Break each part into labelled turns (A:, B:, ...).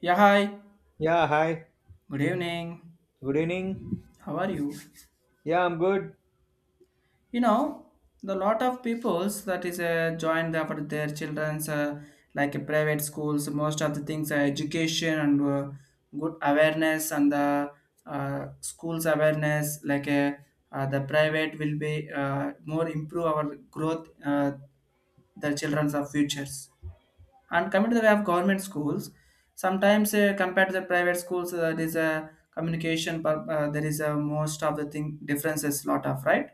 A: Yeah, hi.
B: Yeah, hi.
A: Good evening.
B: Good evening.
A: How are you?
B: Yeah, I'm good.
A: You know, the lot of peoples that is joined up with their children's private schools. Most of the things are education and good awareness and the schools awareness. The private will be more improve our growth. The children's of futures. And coming to the way of government schools, sometimes compared to the private schools, there is a communication, but there is a most of the thing differences lot of, right.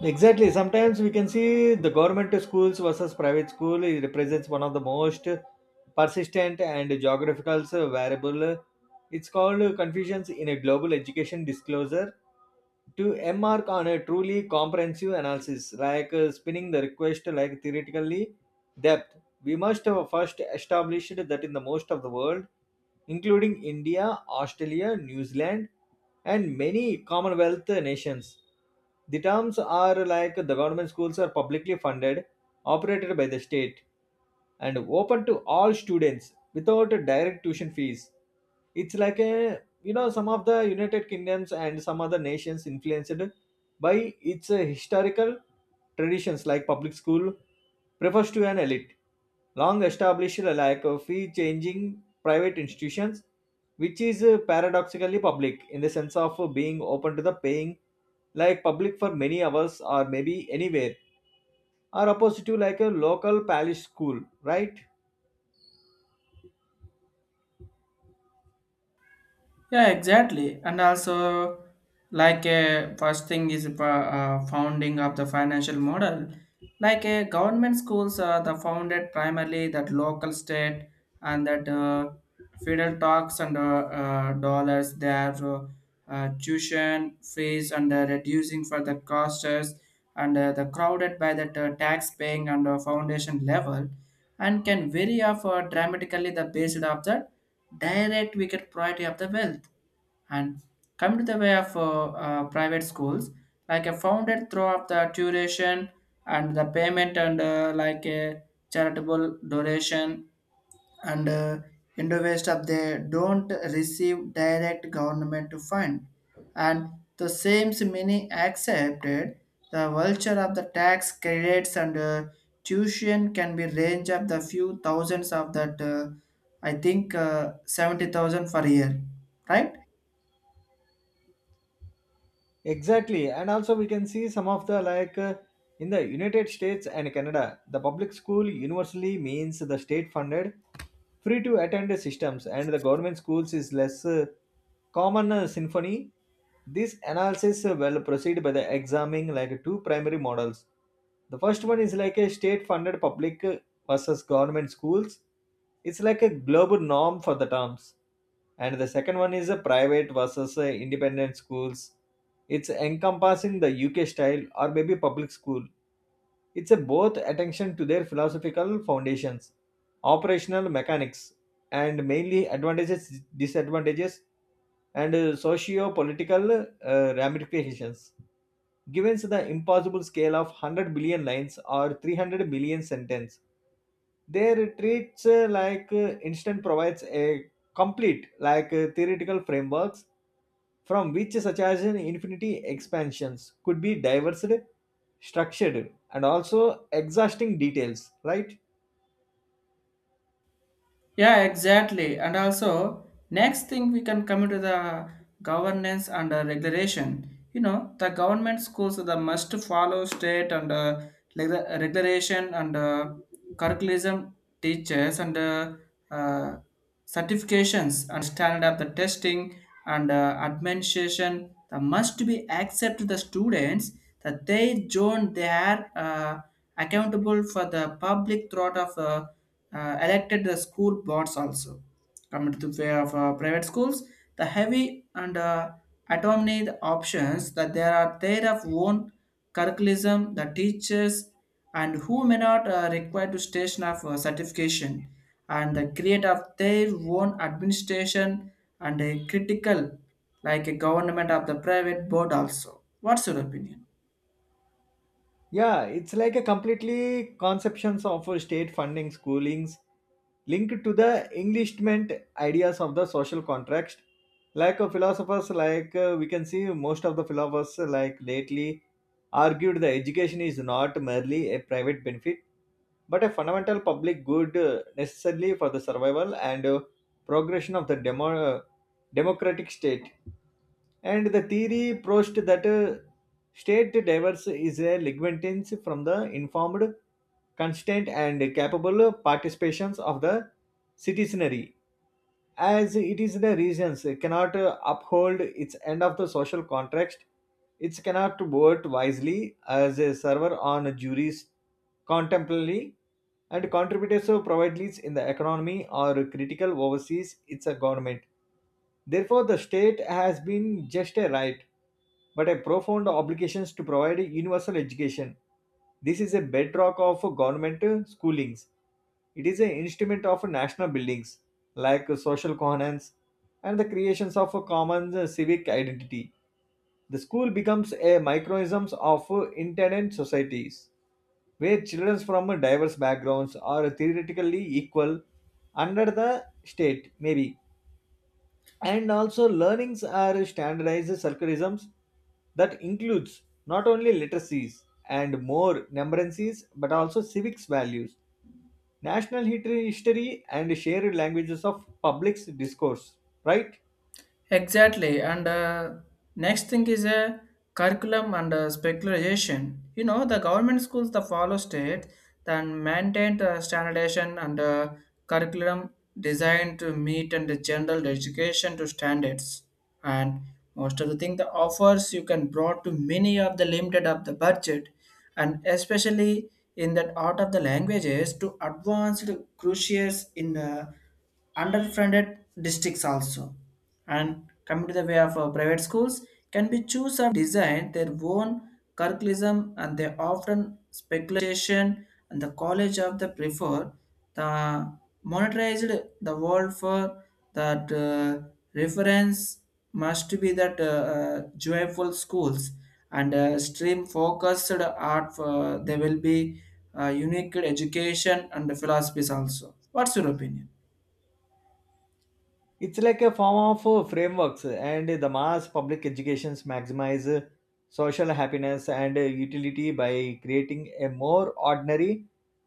B: Exactly. Sometimes we can see the government schools versus private school it represents one of the most persistent and geographical variable. It's called confusions in a global education disclosure. To embark on a truly comprehensive analysis, spinning the request like theoretically depth. We must have first established that in the most of the world, including India, Australia, New Zealand, and many Commonwealth nations, the terms are like the government schools are publicly funded, operated by the state, and open to all students without a direct tuition fees. It's like a you know some of the United Kingdoms and some other nations influenced by its historical traditions like public school refers to an elite, long established like a fee changing private institutions, which is paradoxically public in the sense of being open to the paying, like public for many hours or maybe anywhere, are opposed to like a local parish school, right?
A: Yeah, exactly. And also, like a first thing is founding of the financial model. Like a government schools are the founded primarily that local state and that federal tax and dollars, they are tuition fees and reducing for the costs and the crowded by that tax paying and foundation level and can vary of dramatically the based of the direct wicked priority of the wealth and come to the way of private schools, like a founded throughout the tuition and the payment and like a charitable donation and in of they don't receive direct government to fund and the same many accepted the vulture of the tax credits and tuition can be range of the few thousands of that I think 70,000 per year, right.
B: Exactly, and also we can see some of the in the United States and Canada, the public school universally means the state funded, free to attend systems, and the government schools is less common symphony. This analysis will proceed by the examining like two primary models. The first one is like a state-funded public versus government schools. It's like a global norm for the terms. And the second one is a private versus independent schools. It's encompassing the UK style or maybe public school it's a both attention to their philosophical foundations, operational mechanics, and mainly advantages, disadvantages, and socio-political ramifications. Given the impossible scale of 100 billion lines or 300 million sentence, their treats instant provides a complete theoretical frameworks from which such as an infinity expansions could be diversed, structured, and also exhausting details, right?
A: Yeah, exactly. And also, next thing we can come to the governance and regulation. You know, the government schools are the must follow state and reg- regulation and curriculum, teachers and uh, certifications and standard of the testing and administration that must be accepted to the students that they join, they are accountable for the public throughout of elected the school boards also. Coming to the way of private schools, the heavy and autonomy options that there are their of own curriculum, the teachers, and who may not require to station of certification and the create of their own administration and a critical like a government of the private board also. What's your opinion?
B: Yeah, it's like a completely conceptions of a state funding schoolings linked to the Englishment ideas of the social contract. Philosophers, we can see most of the philosophers, like lately, argued the education is not merely a private benefit but a fundamental public good necessarily for the survival and progression of the democratic state. And the theory proposed that state diverse is a lignitance from the informed, constant, and capable participations of the citizenry as it is the reasons cannot uphold its end of the social contract it cannot vote wisely as a server on a jury's contemporarily and contributed provide leads in the economy or critical overseas its a government. Therefore, the state has been just a right, but a profound obligation to provide universal education. This is a bedrock of government schoolings. It is an instrument of national buildings like social coherence and the creations of a common civic identity. The school becomes a microcosm of societies where children from diverse backgrounds are theoretically equal under the state, maybe. And also, learnings are standardized circularisms that includes not only literacies and more numeracies but also civics values, national history and shared languages of public discourse, right?
A: Exactly. And next thing is a curriculum and speculation. You know, the government schools that follow state then maintain the standardization and curriculum designed to meet and the general education to standards. And most of the thing the offers you can brought to many of the limited of the budget and especially in that out of the languages to advanced cruciates in underfunded districts also. And coming to the way of private schools, can be choose of design their own curriculum and they often speculation and the college of the prefer the monetized the world for that reference must be that joyful schools and stream focused art for, they will be unique education and philosophies also. What's your opinion?
B: It's like a form of frameworks and the mass public educations maximize social happiness and utility by creating a more ordinary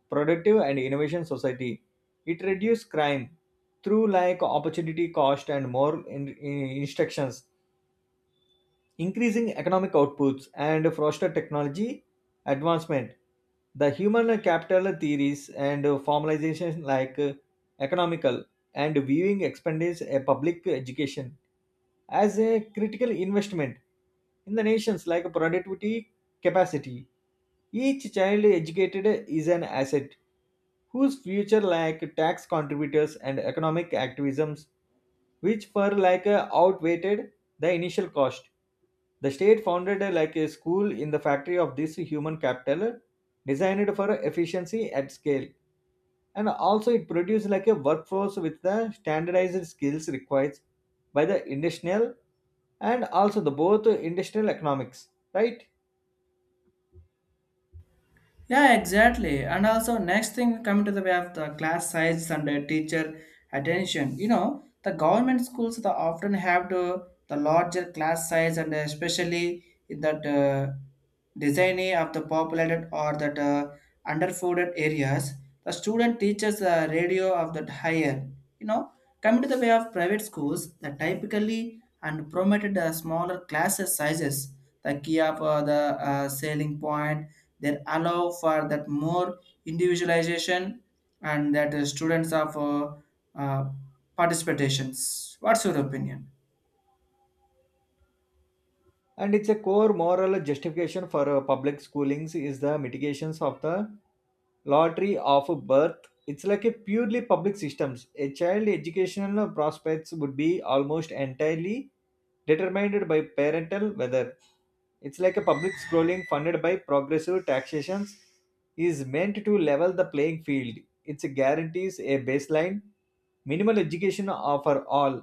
B: productive and innovation society it reduces crime through like opportunity cost and more instructions increasing economic outputs and foster technology advancement. The human capital theories and formalization economical and viewing expenses a public education as a critical investment in the nation's like productivity capacity. Each child educated is an asset whose future like tax contributors and economic activisms which for outweighed the initial cost. The state founded like a school in the factory of this human capital designed for efficiency at scale and also it produces like a workforce with the standardized skills required by the industrial and also the both industrial economics right.
A: Yeah, exactly. And also, next thing coming to the way of the class size and teacher attention. You know, the government schools they often have the larger class size and especially in that designing of the populated or that underfunded areas. The student teaches the radio of that higher. You know, coming to the way of private schools, they typically and promoted the smaller classes sizes, the key of the selling point that allow for that more individualization and that students of uh, participations. What's your opinion?
B: And it's a core moral justification for public schoolings is the mitigations of the lottery of birth it's like a purely public systems a child educational prospects would be almost entirely determined by parental weather. It's like a public scrolling funded by progressive taxations is meant to level the playing field. It guarantees a baseline minimal education for all,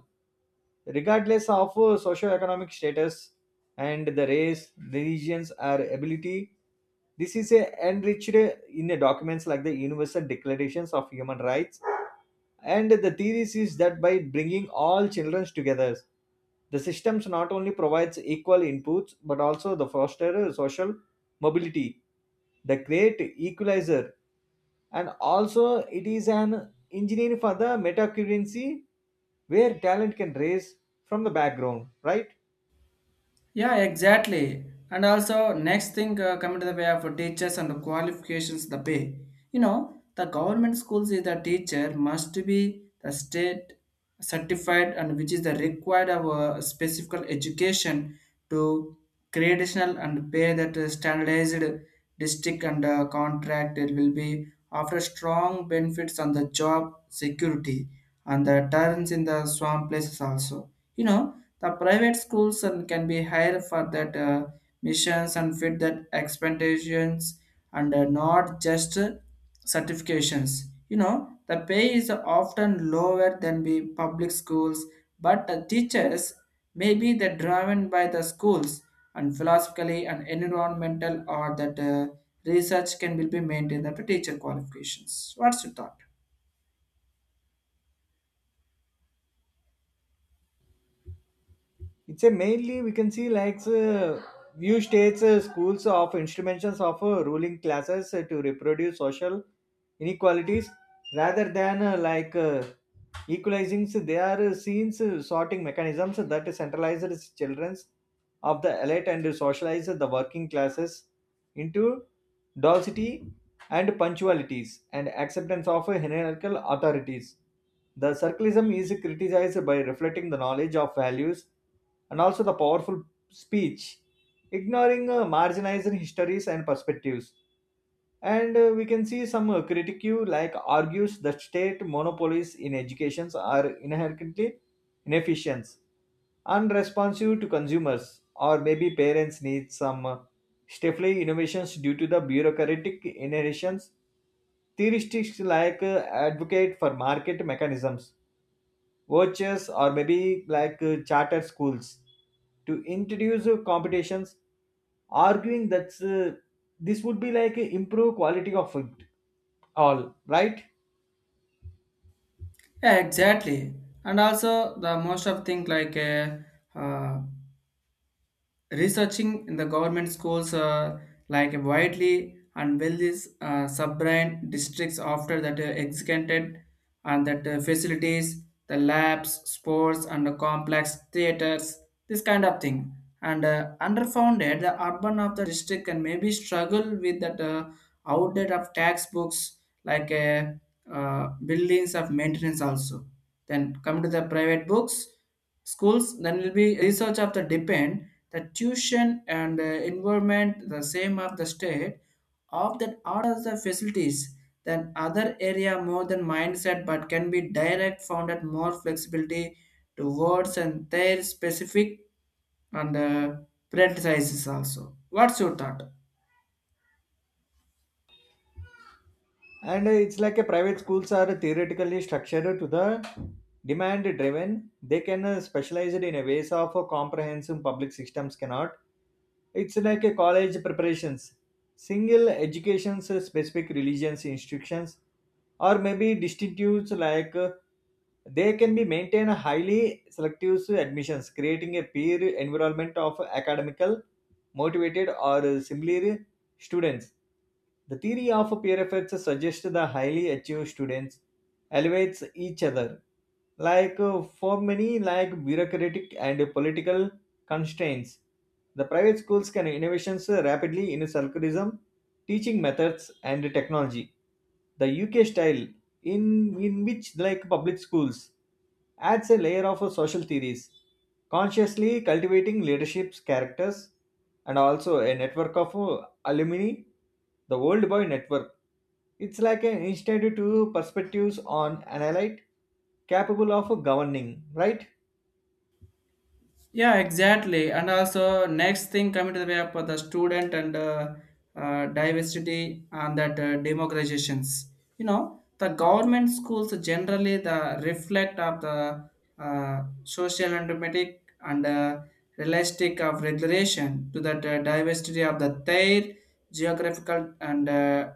B: regardless of socioeconomic status and the race, religions, or ability. This is a enriched in the documents like the Universal Declarations of Human Rights and the theory is that by bringing all children together, the systems not only provides equal inputs but also the foster social mobility, the great equalizer, and also it is an engineering for the metacurrency where talent can raise from the background, right?
A: Yeah, exactly. And also, next thing coming to the way of teachers and the qualifications, the pay. You know, the government schools is the teacher must be the state certified and which is the required of a specific education to traditional and pay that standardized district and contract, it will be after strong benefits on the job security and the turns in the swamp places also. You know, the private schools and can be hired for that missions and fit that expectations and not just certifications. You know, the pay is often lower than the public schools, but the teachers may be the driven by the schools and philosophically and environmental or that research can will be maintained after teacher qualifications. What's your thought?
B: It's a mainly we can see few states schools of instruments of ruling classes to reproduce social inequalities rather than equalizing so they are seen sorting mechanisms that centralizes children's of the elite and socialize the working classes into Dulcity and punctualities, and acceptance of hierarchical authorities. The circleism is criticized by reflecting the knowledge of values and also the powerful speech, ignoring marginalized histories and perspectives and we can see some critique like argues that state monopolies in educations are inherently inefficient unresponsive to consumers or maybe parents need some stifling innovations due to the bureaucratic inheritance theorists advocate for market mechanisms vouchers or maybe charter schools to introduce competitions arguing that this would be improve quality of it, all right.
A: Yeah, exactly. And also the most of thing uh, researching in the government schools, like widely and wealthy sub-brand districts after that executed and that facilities, the labs, sports and the complex theaters, this kind of thing, and underfunded the urban of the district can maybe struggle with that outlet of textbooks, like uh, buildings of maintenance also. Then come to the private books, schools. Then will be research of the depend the tuition and environment the same of the state of that orders the facilities. Then other area more than mindset but can be direct found at more flexibility to words and their specific and prioritizes also. What's your thought?
B: And it's like a private schools are theoretically structured to the demand driven they can specialize it in a ways of a comprehensive public systems cannot. It's like a college preparations, single educations, specific religions institutions, or maybe distinctives they can be maintained highly selective admissions, creating a peer environment of academical motivated or similar students. The theory of peer effects suggests the highly achieved students elevates each other. For many, like bureaucratic and political constraints, the private schools can innovations rapidly in circularism, teaching methods and technology. The UK style, in which like public schools, adds a layer of social theories, consciously cultivating leadership's characters and also a network of alumni, the Old Boy Network. It's like an institute to perspectives on analyte capable of governing, right?
A: Yeah, exactly. And also, next thing coming to the way of the student and diversity and that democratizations. You know, the government schools generally the reflect of the social and dramatic and realistic of regulation to that diversity of the their geographical and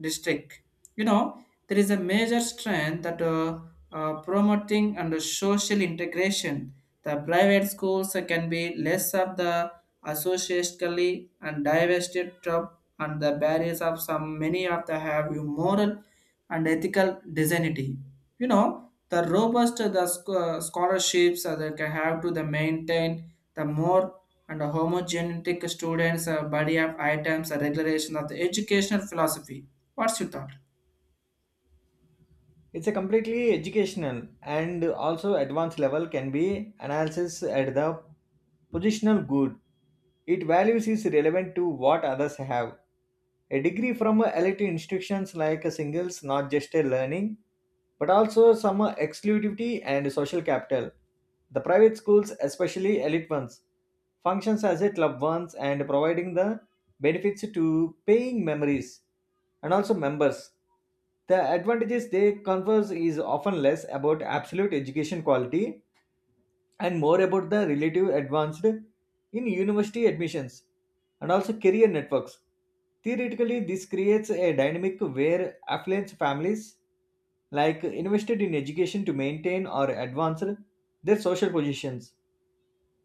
A: district. You know, there is a major strength that promoting and social integration. The private schools can be less of the associationally and divested top and the barriers of some many of the have you moral and ethical dignity. You know, the robust the scholarships that can have to the maintain the more and the homogenetic students body of items a regulation of the educational philosophy. What's your thought?
B: It's a completely educational and also advanced level can be analysis at the positional good. It values is relevant to what others have. A degree from a elite institutions like a singles, not just a learning, but also some exclusivity and social capital. The private schools, especially elite ones, functions as a club once and providing the benefits to paying memories and also members. The advantages they converse is often less about absolute education quality and more about the relative advanced in university admissions and also career networks. Theoretically, this creates a dynamic where affluent families like invested in education to maintain or advance their social positions.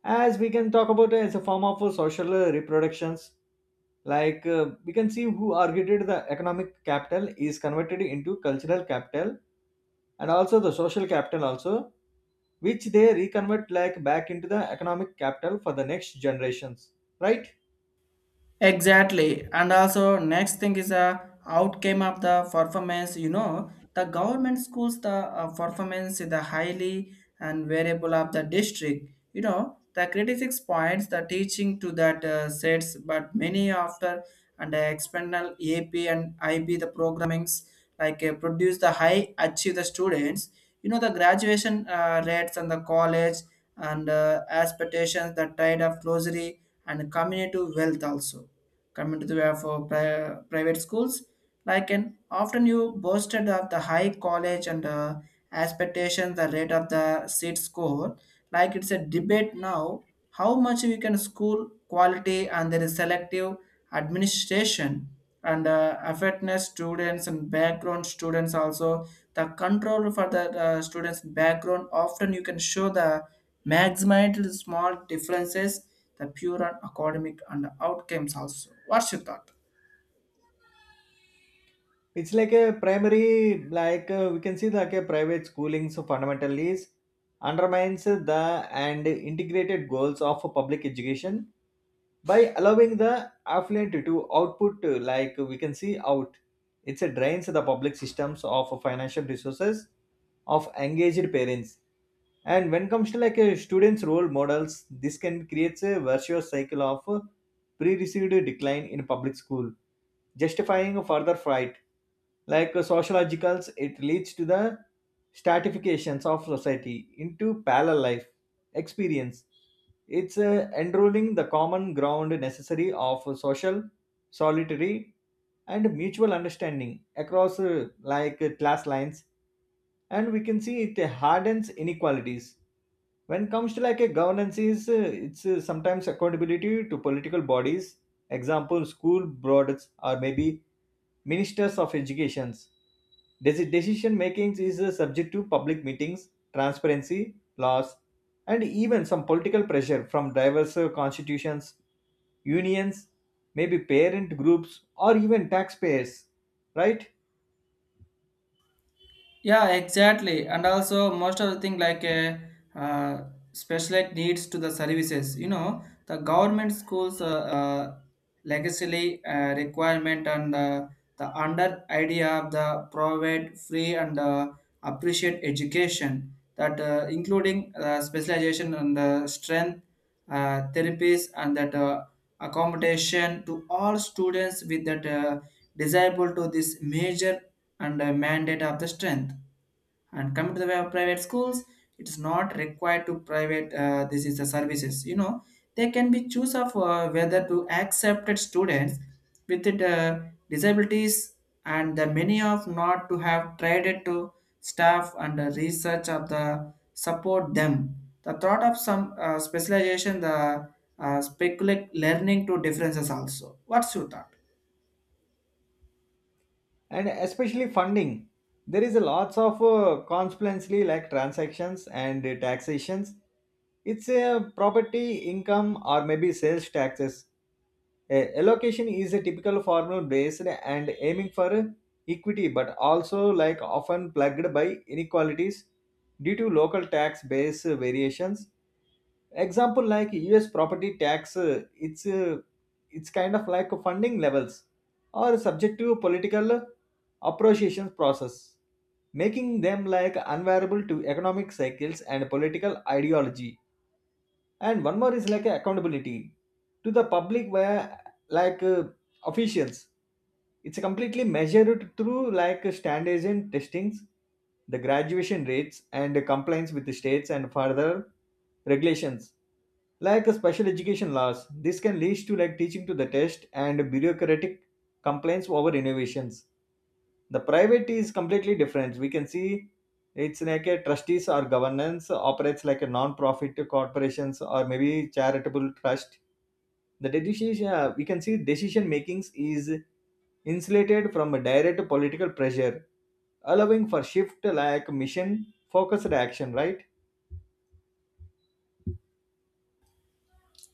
B: As we can talk about as a form of social reproductions, we can see who argued the economic capital is converted into cultural capital and also the social capital also which they reconvert like back into the economic capital for the next generations right.
A: Exactly. And also next thing is a outcome of the performance. You know, the government schools the performance is the highly and variable of the district. You know, the critics points the teaching to that sets, but many after and the external AP and IB the programmings, like produce the high achieve the students. You know, the graduation rates and the college and expectations, the tide of closery and community wealth also. Coming to the way for private schools, like an often you boasted of the high college and expectations, the rate of the seat score, like it's a debate now how much we can school quality and there is selective administration and affectness students and background students also, the control for the students background often you can show the maximum small differences, the pure and academic and outcomes also. What's your thought?
B: It's like a primary we can see like a private schooling so fundamentally is undermines the and integrated goals of public education by allowing the affluent to output like we can see out it's a drains the public systems of financial resources of engaged parents and when comes to like a students role models this can create a virtuous cycle of pre-received decline in public school justifying a further fright. Sociologicals, it leads to the stratifications of society into parallel life experience. It's enrolling the common ground necessary of social, solitary, and mutual understanding across class lines, and we can see it hardens inequalities when it comes to like a governance is it's sometimes accountability to political bodies example school boards or maybe ministers of educations. Decision making is subject to public meetings transparency laws and even some political pressure from diverse constitutions, unions, maybe parent groups or even taxpayers, right?
A: Yeah, exactly. And also, most of the thing like a uh, uh, special ed needs to the services. You know, the government schools legacy requirement and the under idea of the provide free and appreciate education that including specialization and strength therapies and that accommodation to all students with that desirable to this major and mandate of the strength. And coming to the way of private schools, it is not required to private, this is the services. You know, they can be choose of whether to accept students with disabilities and the many of not to have tried it to staff and research of the support them, the thought of some specialization the speculate learning to differences also. What's your thought?
B: And especially funding, there is a lots of consequently like transactions and taxations. It's a property income or maybe sales taxes. A allocation is a typical formula based and aiming for equity but also like often plagued by inequalities due to local tax base variations. Example like us property tax it's kind of like funding levels or subject to political appropriation process, making them like unviable to economic cycles and political ideology. And one more is like accountability to the public where like uh, officials, it's completely measured through like standards and testings, the graduation rates and compliance with the states and further regulations like a special education laws. This can lead to like teaching to the test and bureaucratic complaints over innovations. The private is completely different, we can see it's like a trustees or governance operates like a non-profit corporations or maybe charitable trust. The decision uh, we can see decision makings is insulated from a direct political pressure, allowing for shift like mission focused action, right?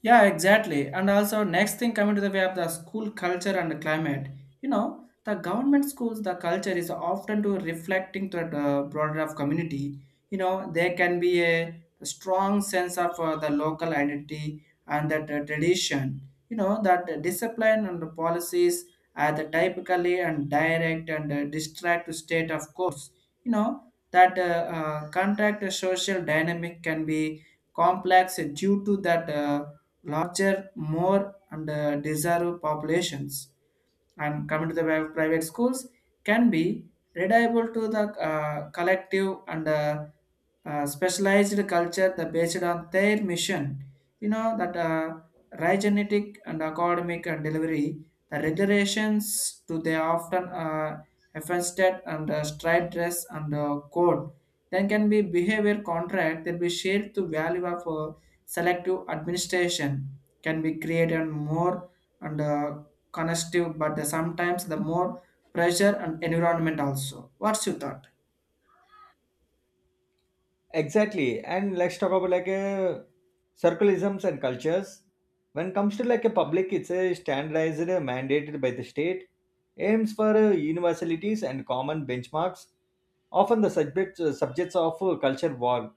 A: Yeah, exactly. And also, next thing coming to the way of the school culture and climate. You know, the government schools, the culture is often to reflecting to the broader of community. You know, there can be a strong sense of the local identity and that tradition. You know, that the discipline and the policies are the typically and direct and distract state of course. You know, that contact social dynamic can be complex due to that. Larger, more and deserved populations. And coming to the private schools can be reliable to the collective and specialized culture that based on their mission. You know that right genetic and academic and delivery, the regulations to they often affected and striped dress and code. Then can be behavior contract that be shared to value of selective administration can be created more and connective, but sometimes the more pressure and environment also. What's your thought?
B: Exactly. And let's talk about like a circleisms and cultures. When it comes to like a public, it's a standardized mandated by the state, aims for universalities and common benchmarks. Often the subject, subjects of culture war.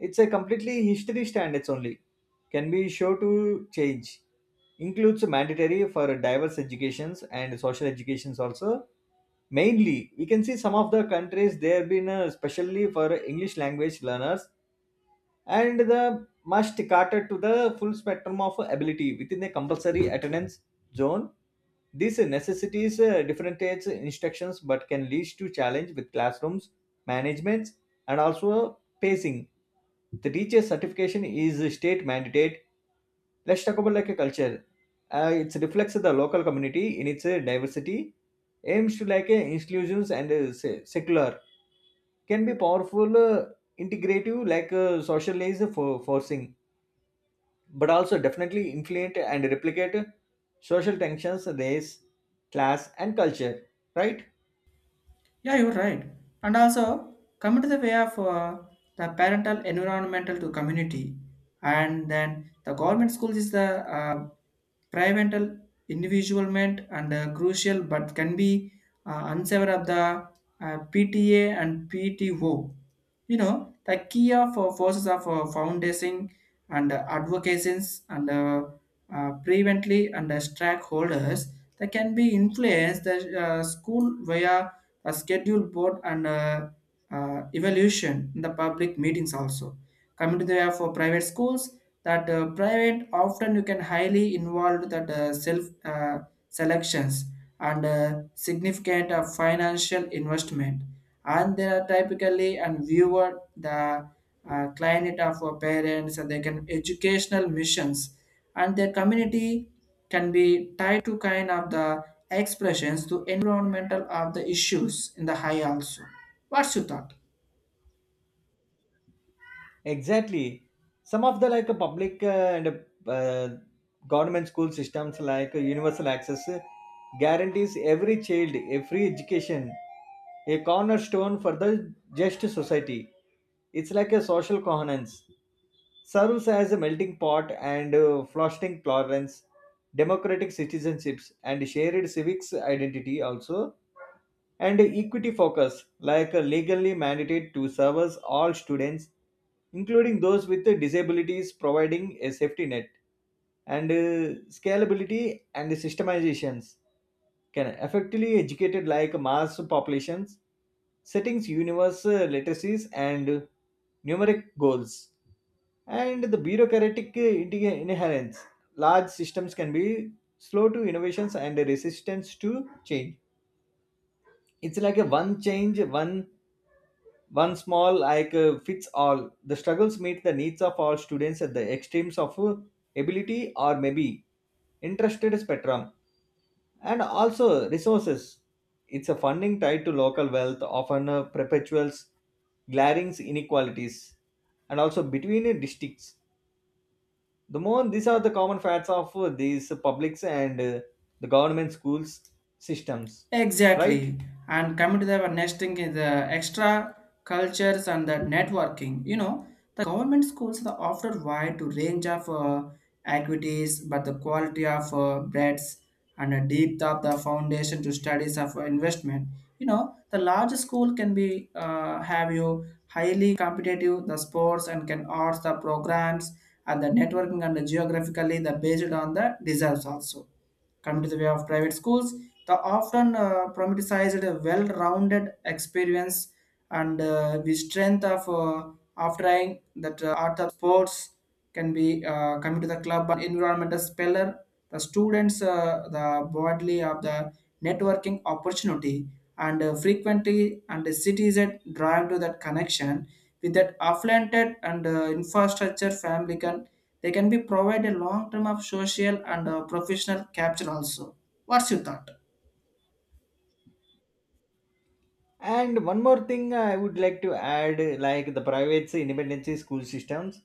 B: It's a completely history standards only. Can be sure to change. Includes mandatory for diverse educations and social educations also. Mainly, we can see some of the countries they have been specially for English language learners and the must cater to the full spectrum of ability within the compulsory attendance zone. This necessitates differentiates instructions but can lead to challenge with classrooms, management, and also pacing. The teacher certification is a state mandate. Let's talk about like a culture. It reflects the local community in its diversity, aims to inclusions and secular, can be powerful integrative socialized for forcing but also definitely influence and replicate social tensions, race, class, and culture. Right?
A: Yeah, you're right. And also, coming to the way of the parental environmental to community, and then the government schools is the uh, parental individualment and crucial, but can be unsavour of the PTA and PTO. You know, the key of forces of foundation and advocations and prevently and stakeholders that can be influenced the school via a schedule board and evaluation in the public meetings also. Coming to the area for private schools, that private often you can highly involved that self selections and significant financial investment. And they are typically and viewer the client of our parents, and they can educational missions, and their community can be tied to kind of the expressions to environmental of the issues in the high also. What's your thought?
B: Exactly. Some of the public and government school systems like universal access guarantees every child a free education, a cornerstone for the just society. It's like a social coherence, serves as a melting pot and fostering tolerance, democratic citizenships, and shared civics identity also, and equity focus, legally mandated to service all students, including those with disabilities, providing a safety net, and scalability and systemizations can effectively educated like mass populations, settings universal literacies and numeric goals, and the bureaucratic inherence. Large systems can be slow to innovations and resistance to change. It's like a one change, one small like fits all. The struggles meet the needs of all students at the extremes of ability or maybe interested spectrum and also resources. It's a funding tied to local wealth, often perpetuals glaring inequalities and also between districts. The more these are the common facts of these publics and the government schools systems, right?
A: Exactly. And coming to the our next thing is the extra cultures and the networking. You know, the government schools are often wide to range of activities, but the quality of breadth and a deep of the foundation to studies of investment. You know, the large school can be have you highly competitive the sports and can arts the programs and the networking and the geographically the based on the deserves also. Come to the way of private schools, the often romanticized a well-rounded experience and the strength of offering that art of sports can be coming to the club and environmental speller, the students, the broadly of the networking opportunity and frequently and the cities that drive to that connection with that affluent and infrastructure family can they can be provide a long term of social and professional capture also. What's your thought?
B: And one more thing I would like to add like the private independent school systems.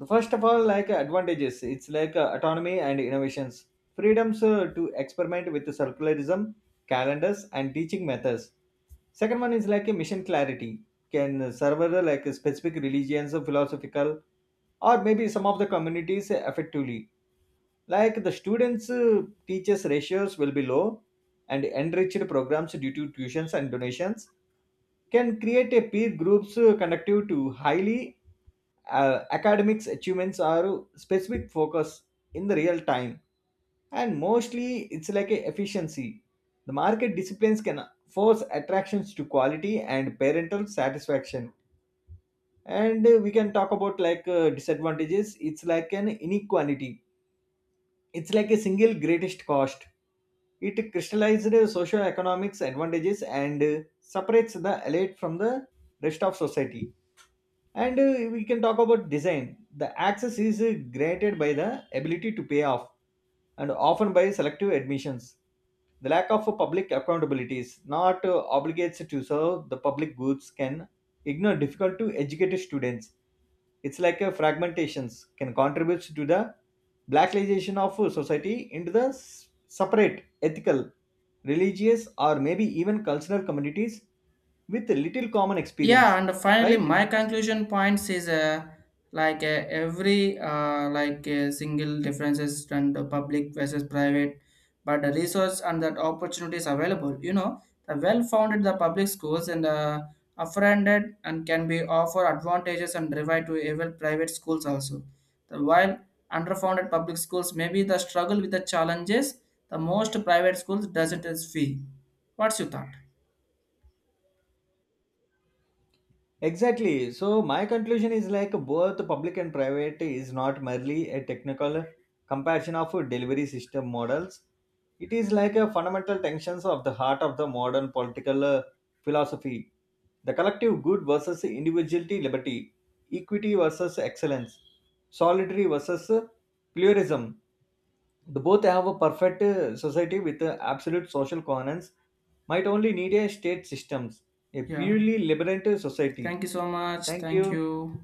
B: The first of all like advantages, it's like autonomy and innovations, freedoms to experiment with the circularism, calendars and teaching methods. Second one is like a mission clarity, can serve like a specific religions or philosophical or maybe some of the communities effectively. Like the students teachers ratios will be low and enriched programs due to tuitions and donations, can create a peer groups conductive to highly academics achievements are specific focus in the real time. And mostly it's like a efficiency, the market disciplines can force attractions to quality and parental satisfaction. And we can talk about disadvantages, it's like an inequality, it's like a single greatest cost. It crystallized socioeconomics advantages and separates the elite from the rest of society. And we can talk about design. The access is granted by the ability to pay off and often by selective admissions. The lack of public accountability is not obligates to serve the public goods, can ignore difficult to educate students. It's like a fragmentations, can contribute to the blackization of society into the separate ethical, religious or maybe even cultural communities with little common
A: Yeah,
B: experience,
A: and finally
B: right?
A: my conclusion points is every single differences and the public versus private, but the resource and that opportunities available. You know, the well founded the public schools and afforded and can be offer advantages and divide to even private schools also, the while underfunded public schools may be the struggle with the challenges the most private schools doesn't as fee. What's your thought?
B: Exactly. So my conclusion is like both public and private is not merely a technical comparison of delivery system models. It is like a fundamental tensions of the heart of the modern political philosophy. The collective good versus individuality liberty, equity versus excellence, solitary versus pluralism. The both have a perfect society with absolute social coherence might only need a state systems, a
A: Yeah.
B: purely liberal society.
A: Thank you so much.
B: Thank you.
A: Thank you.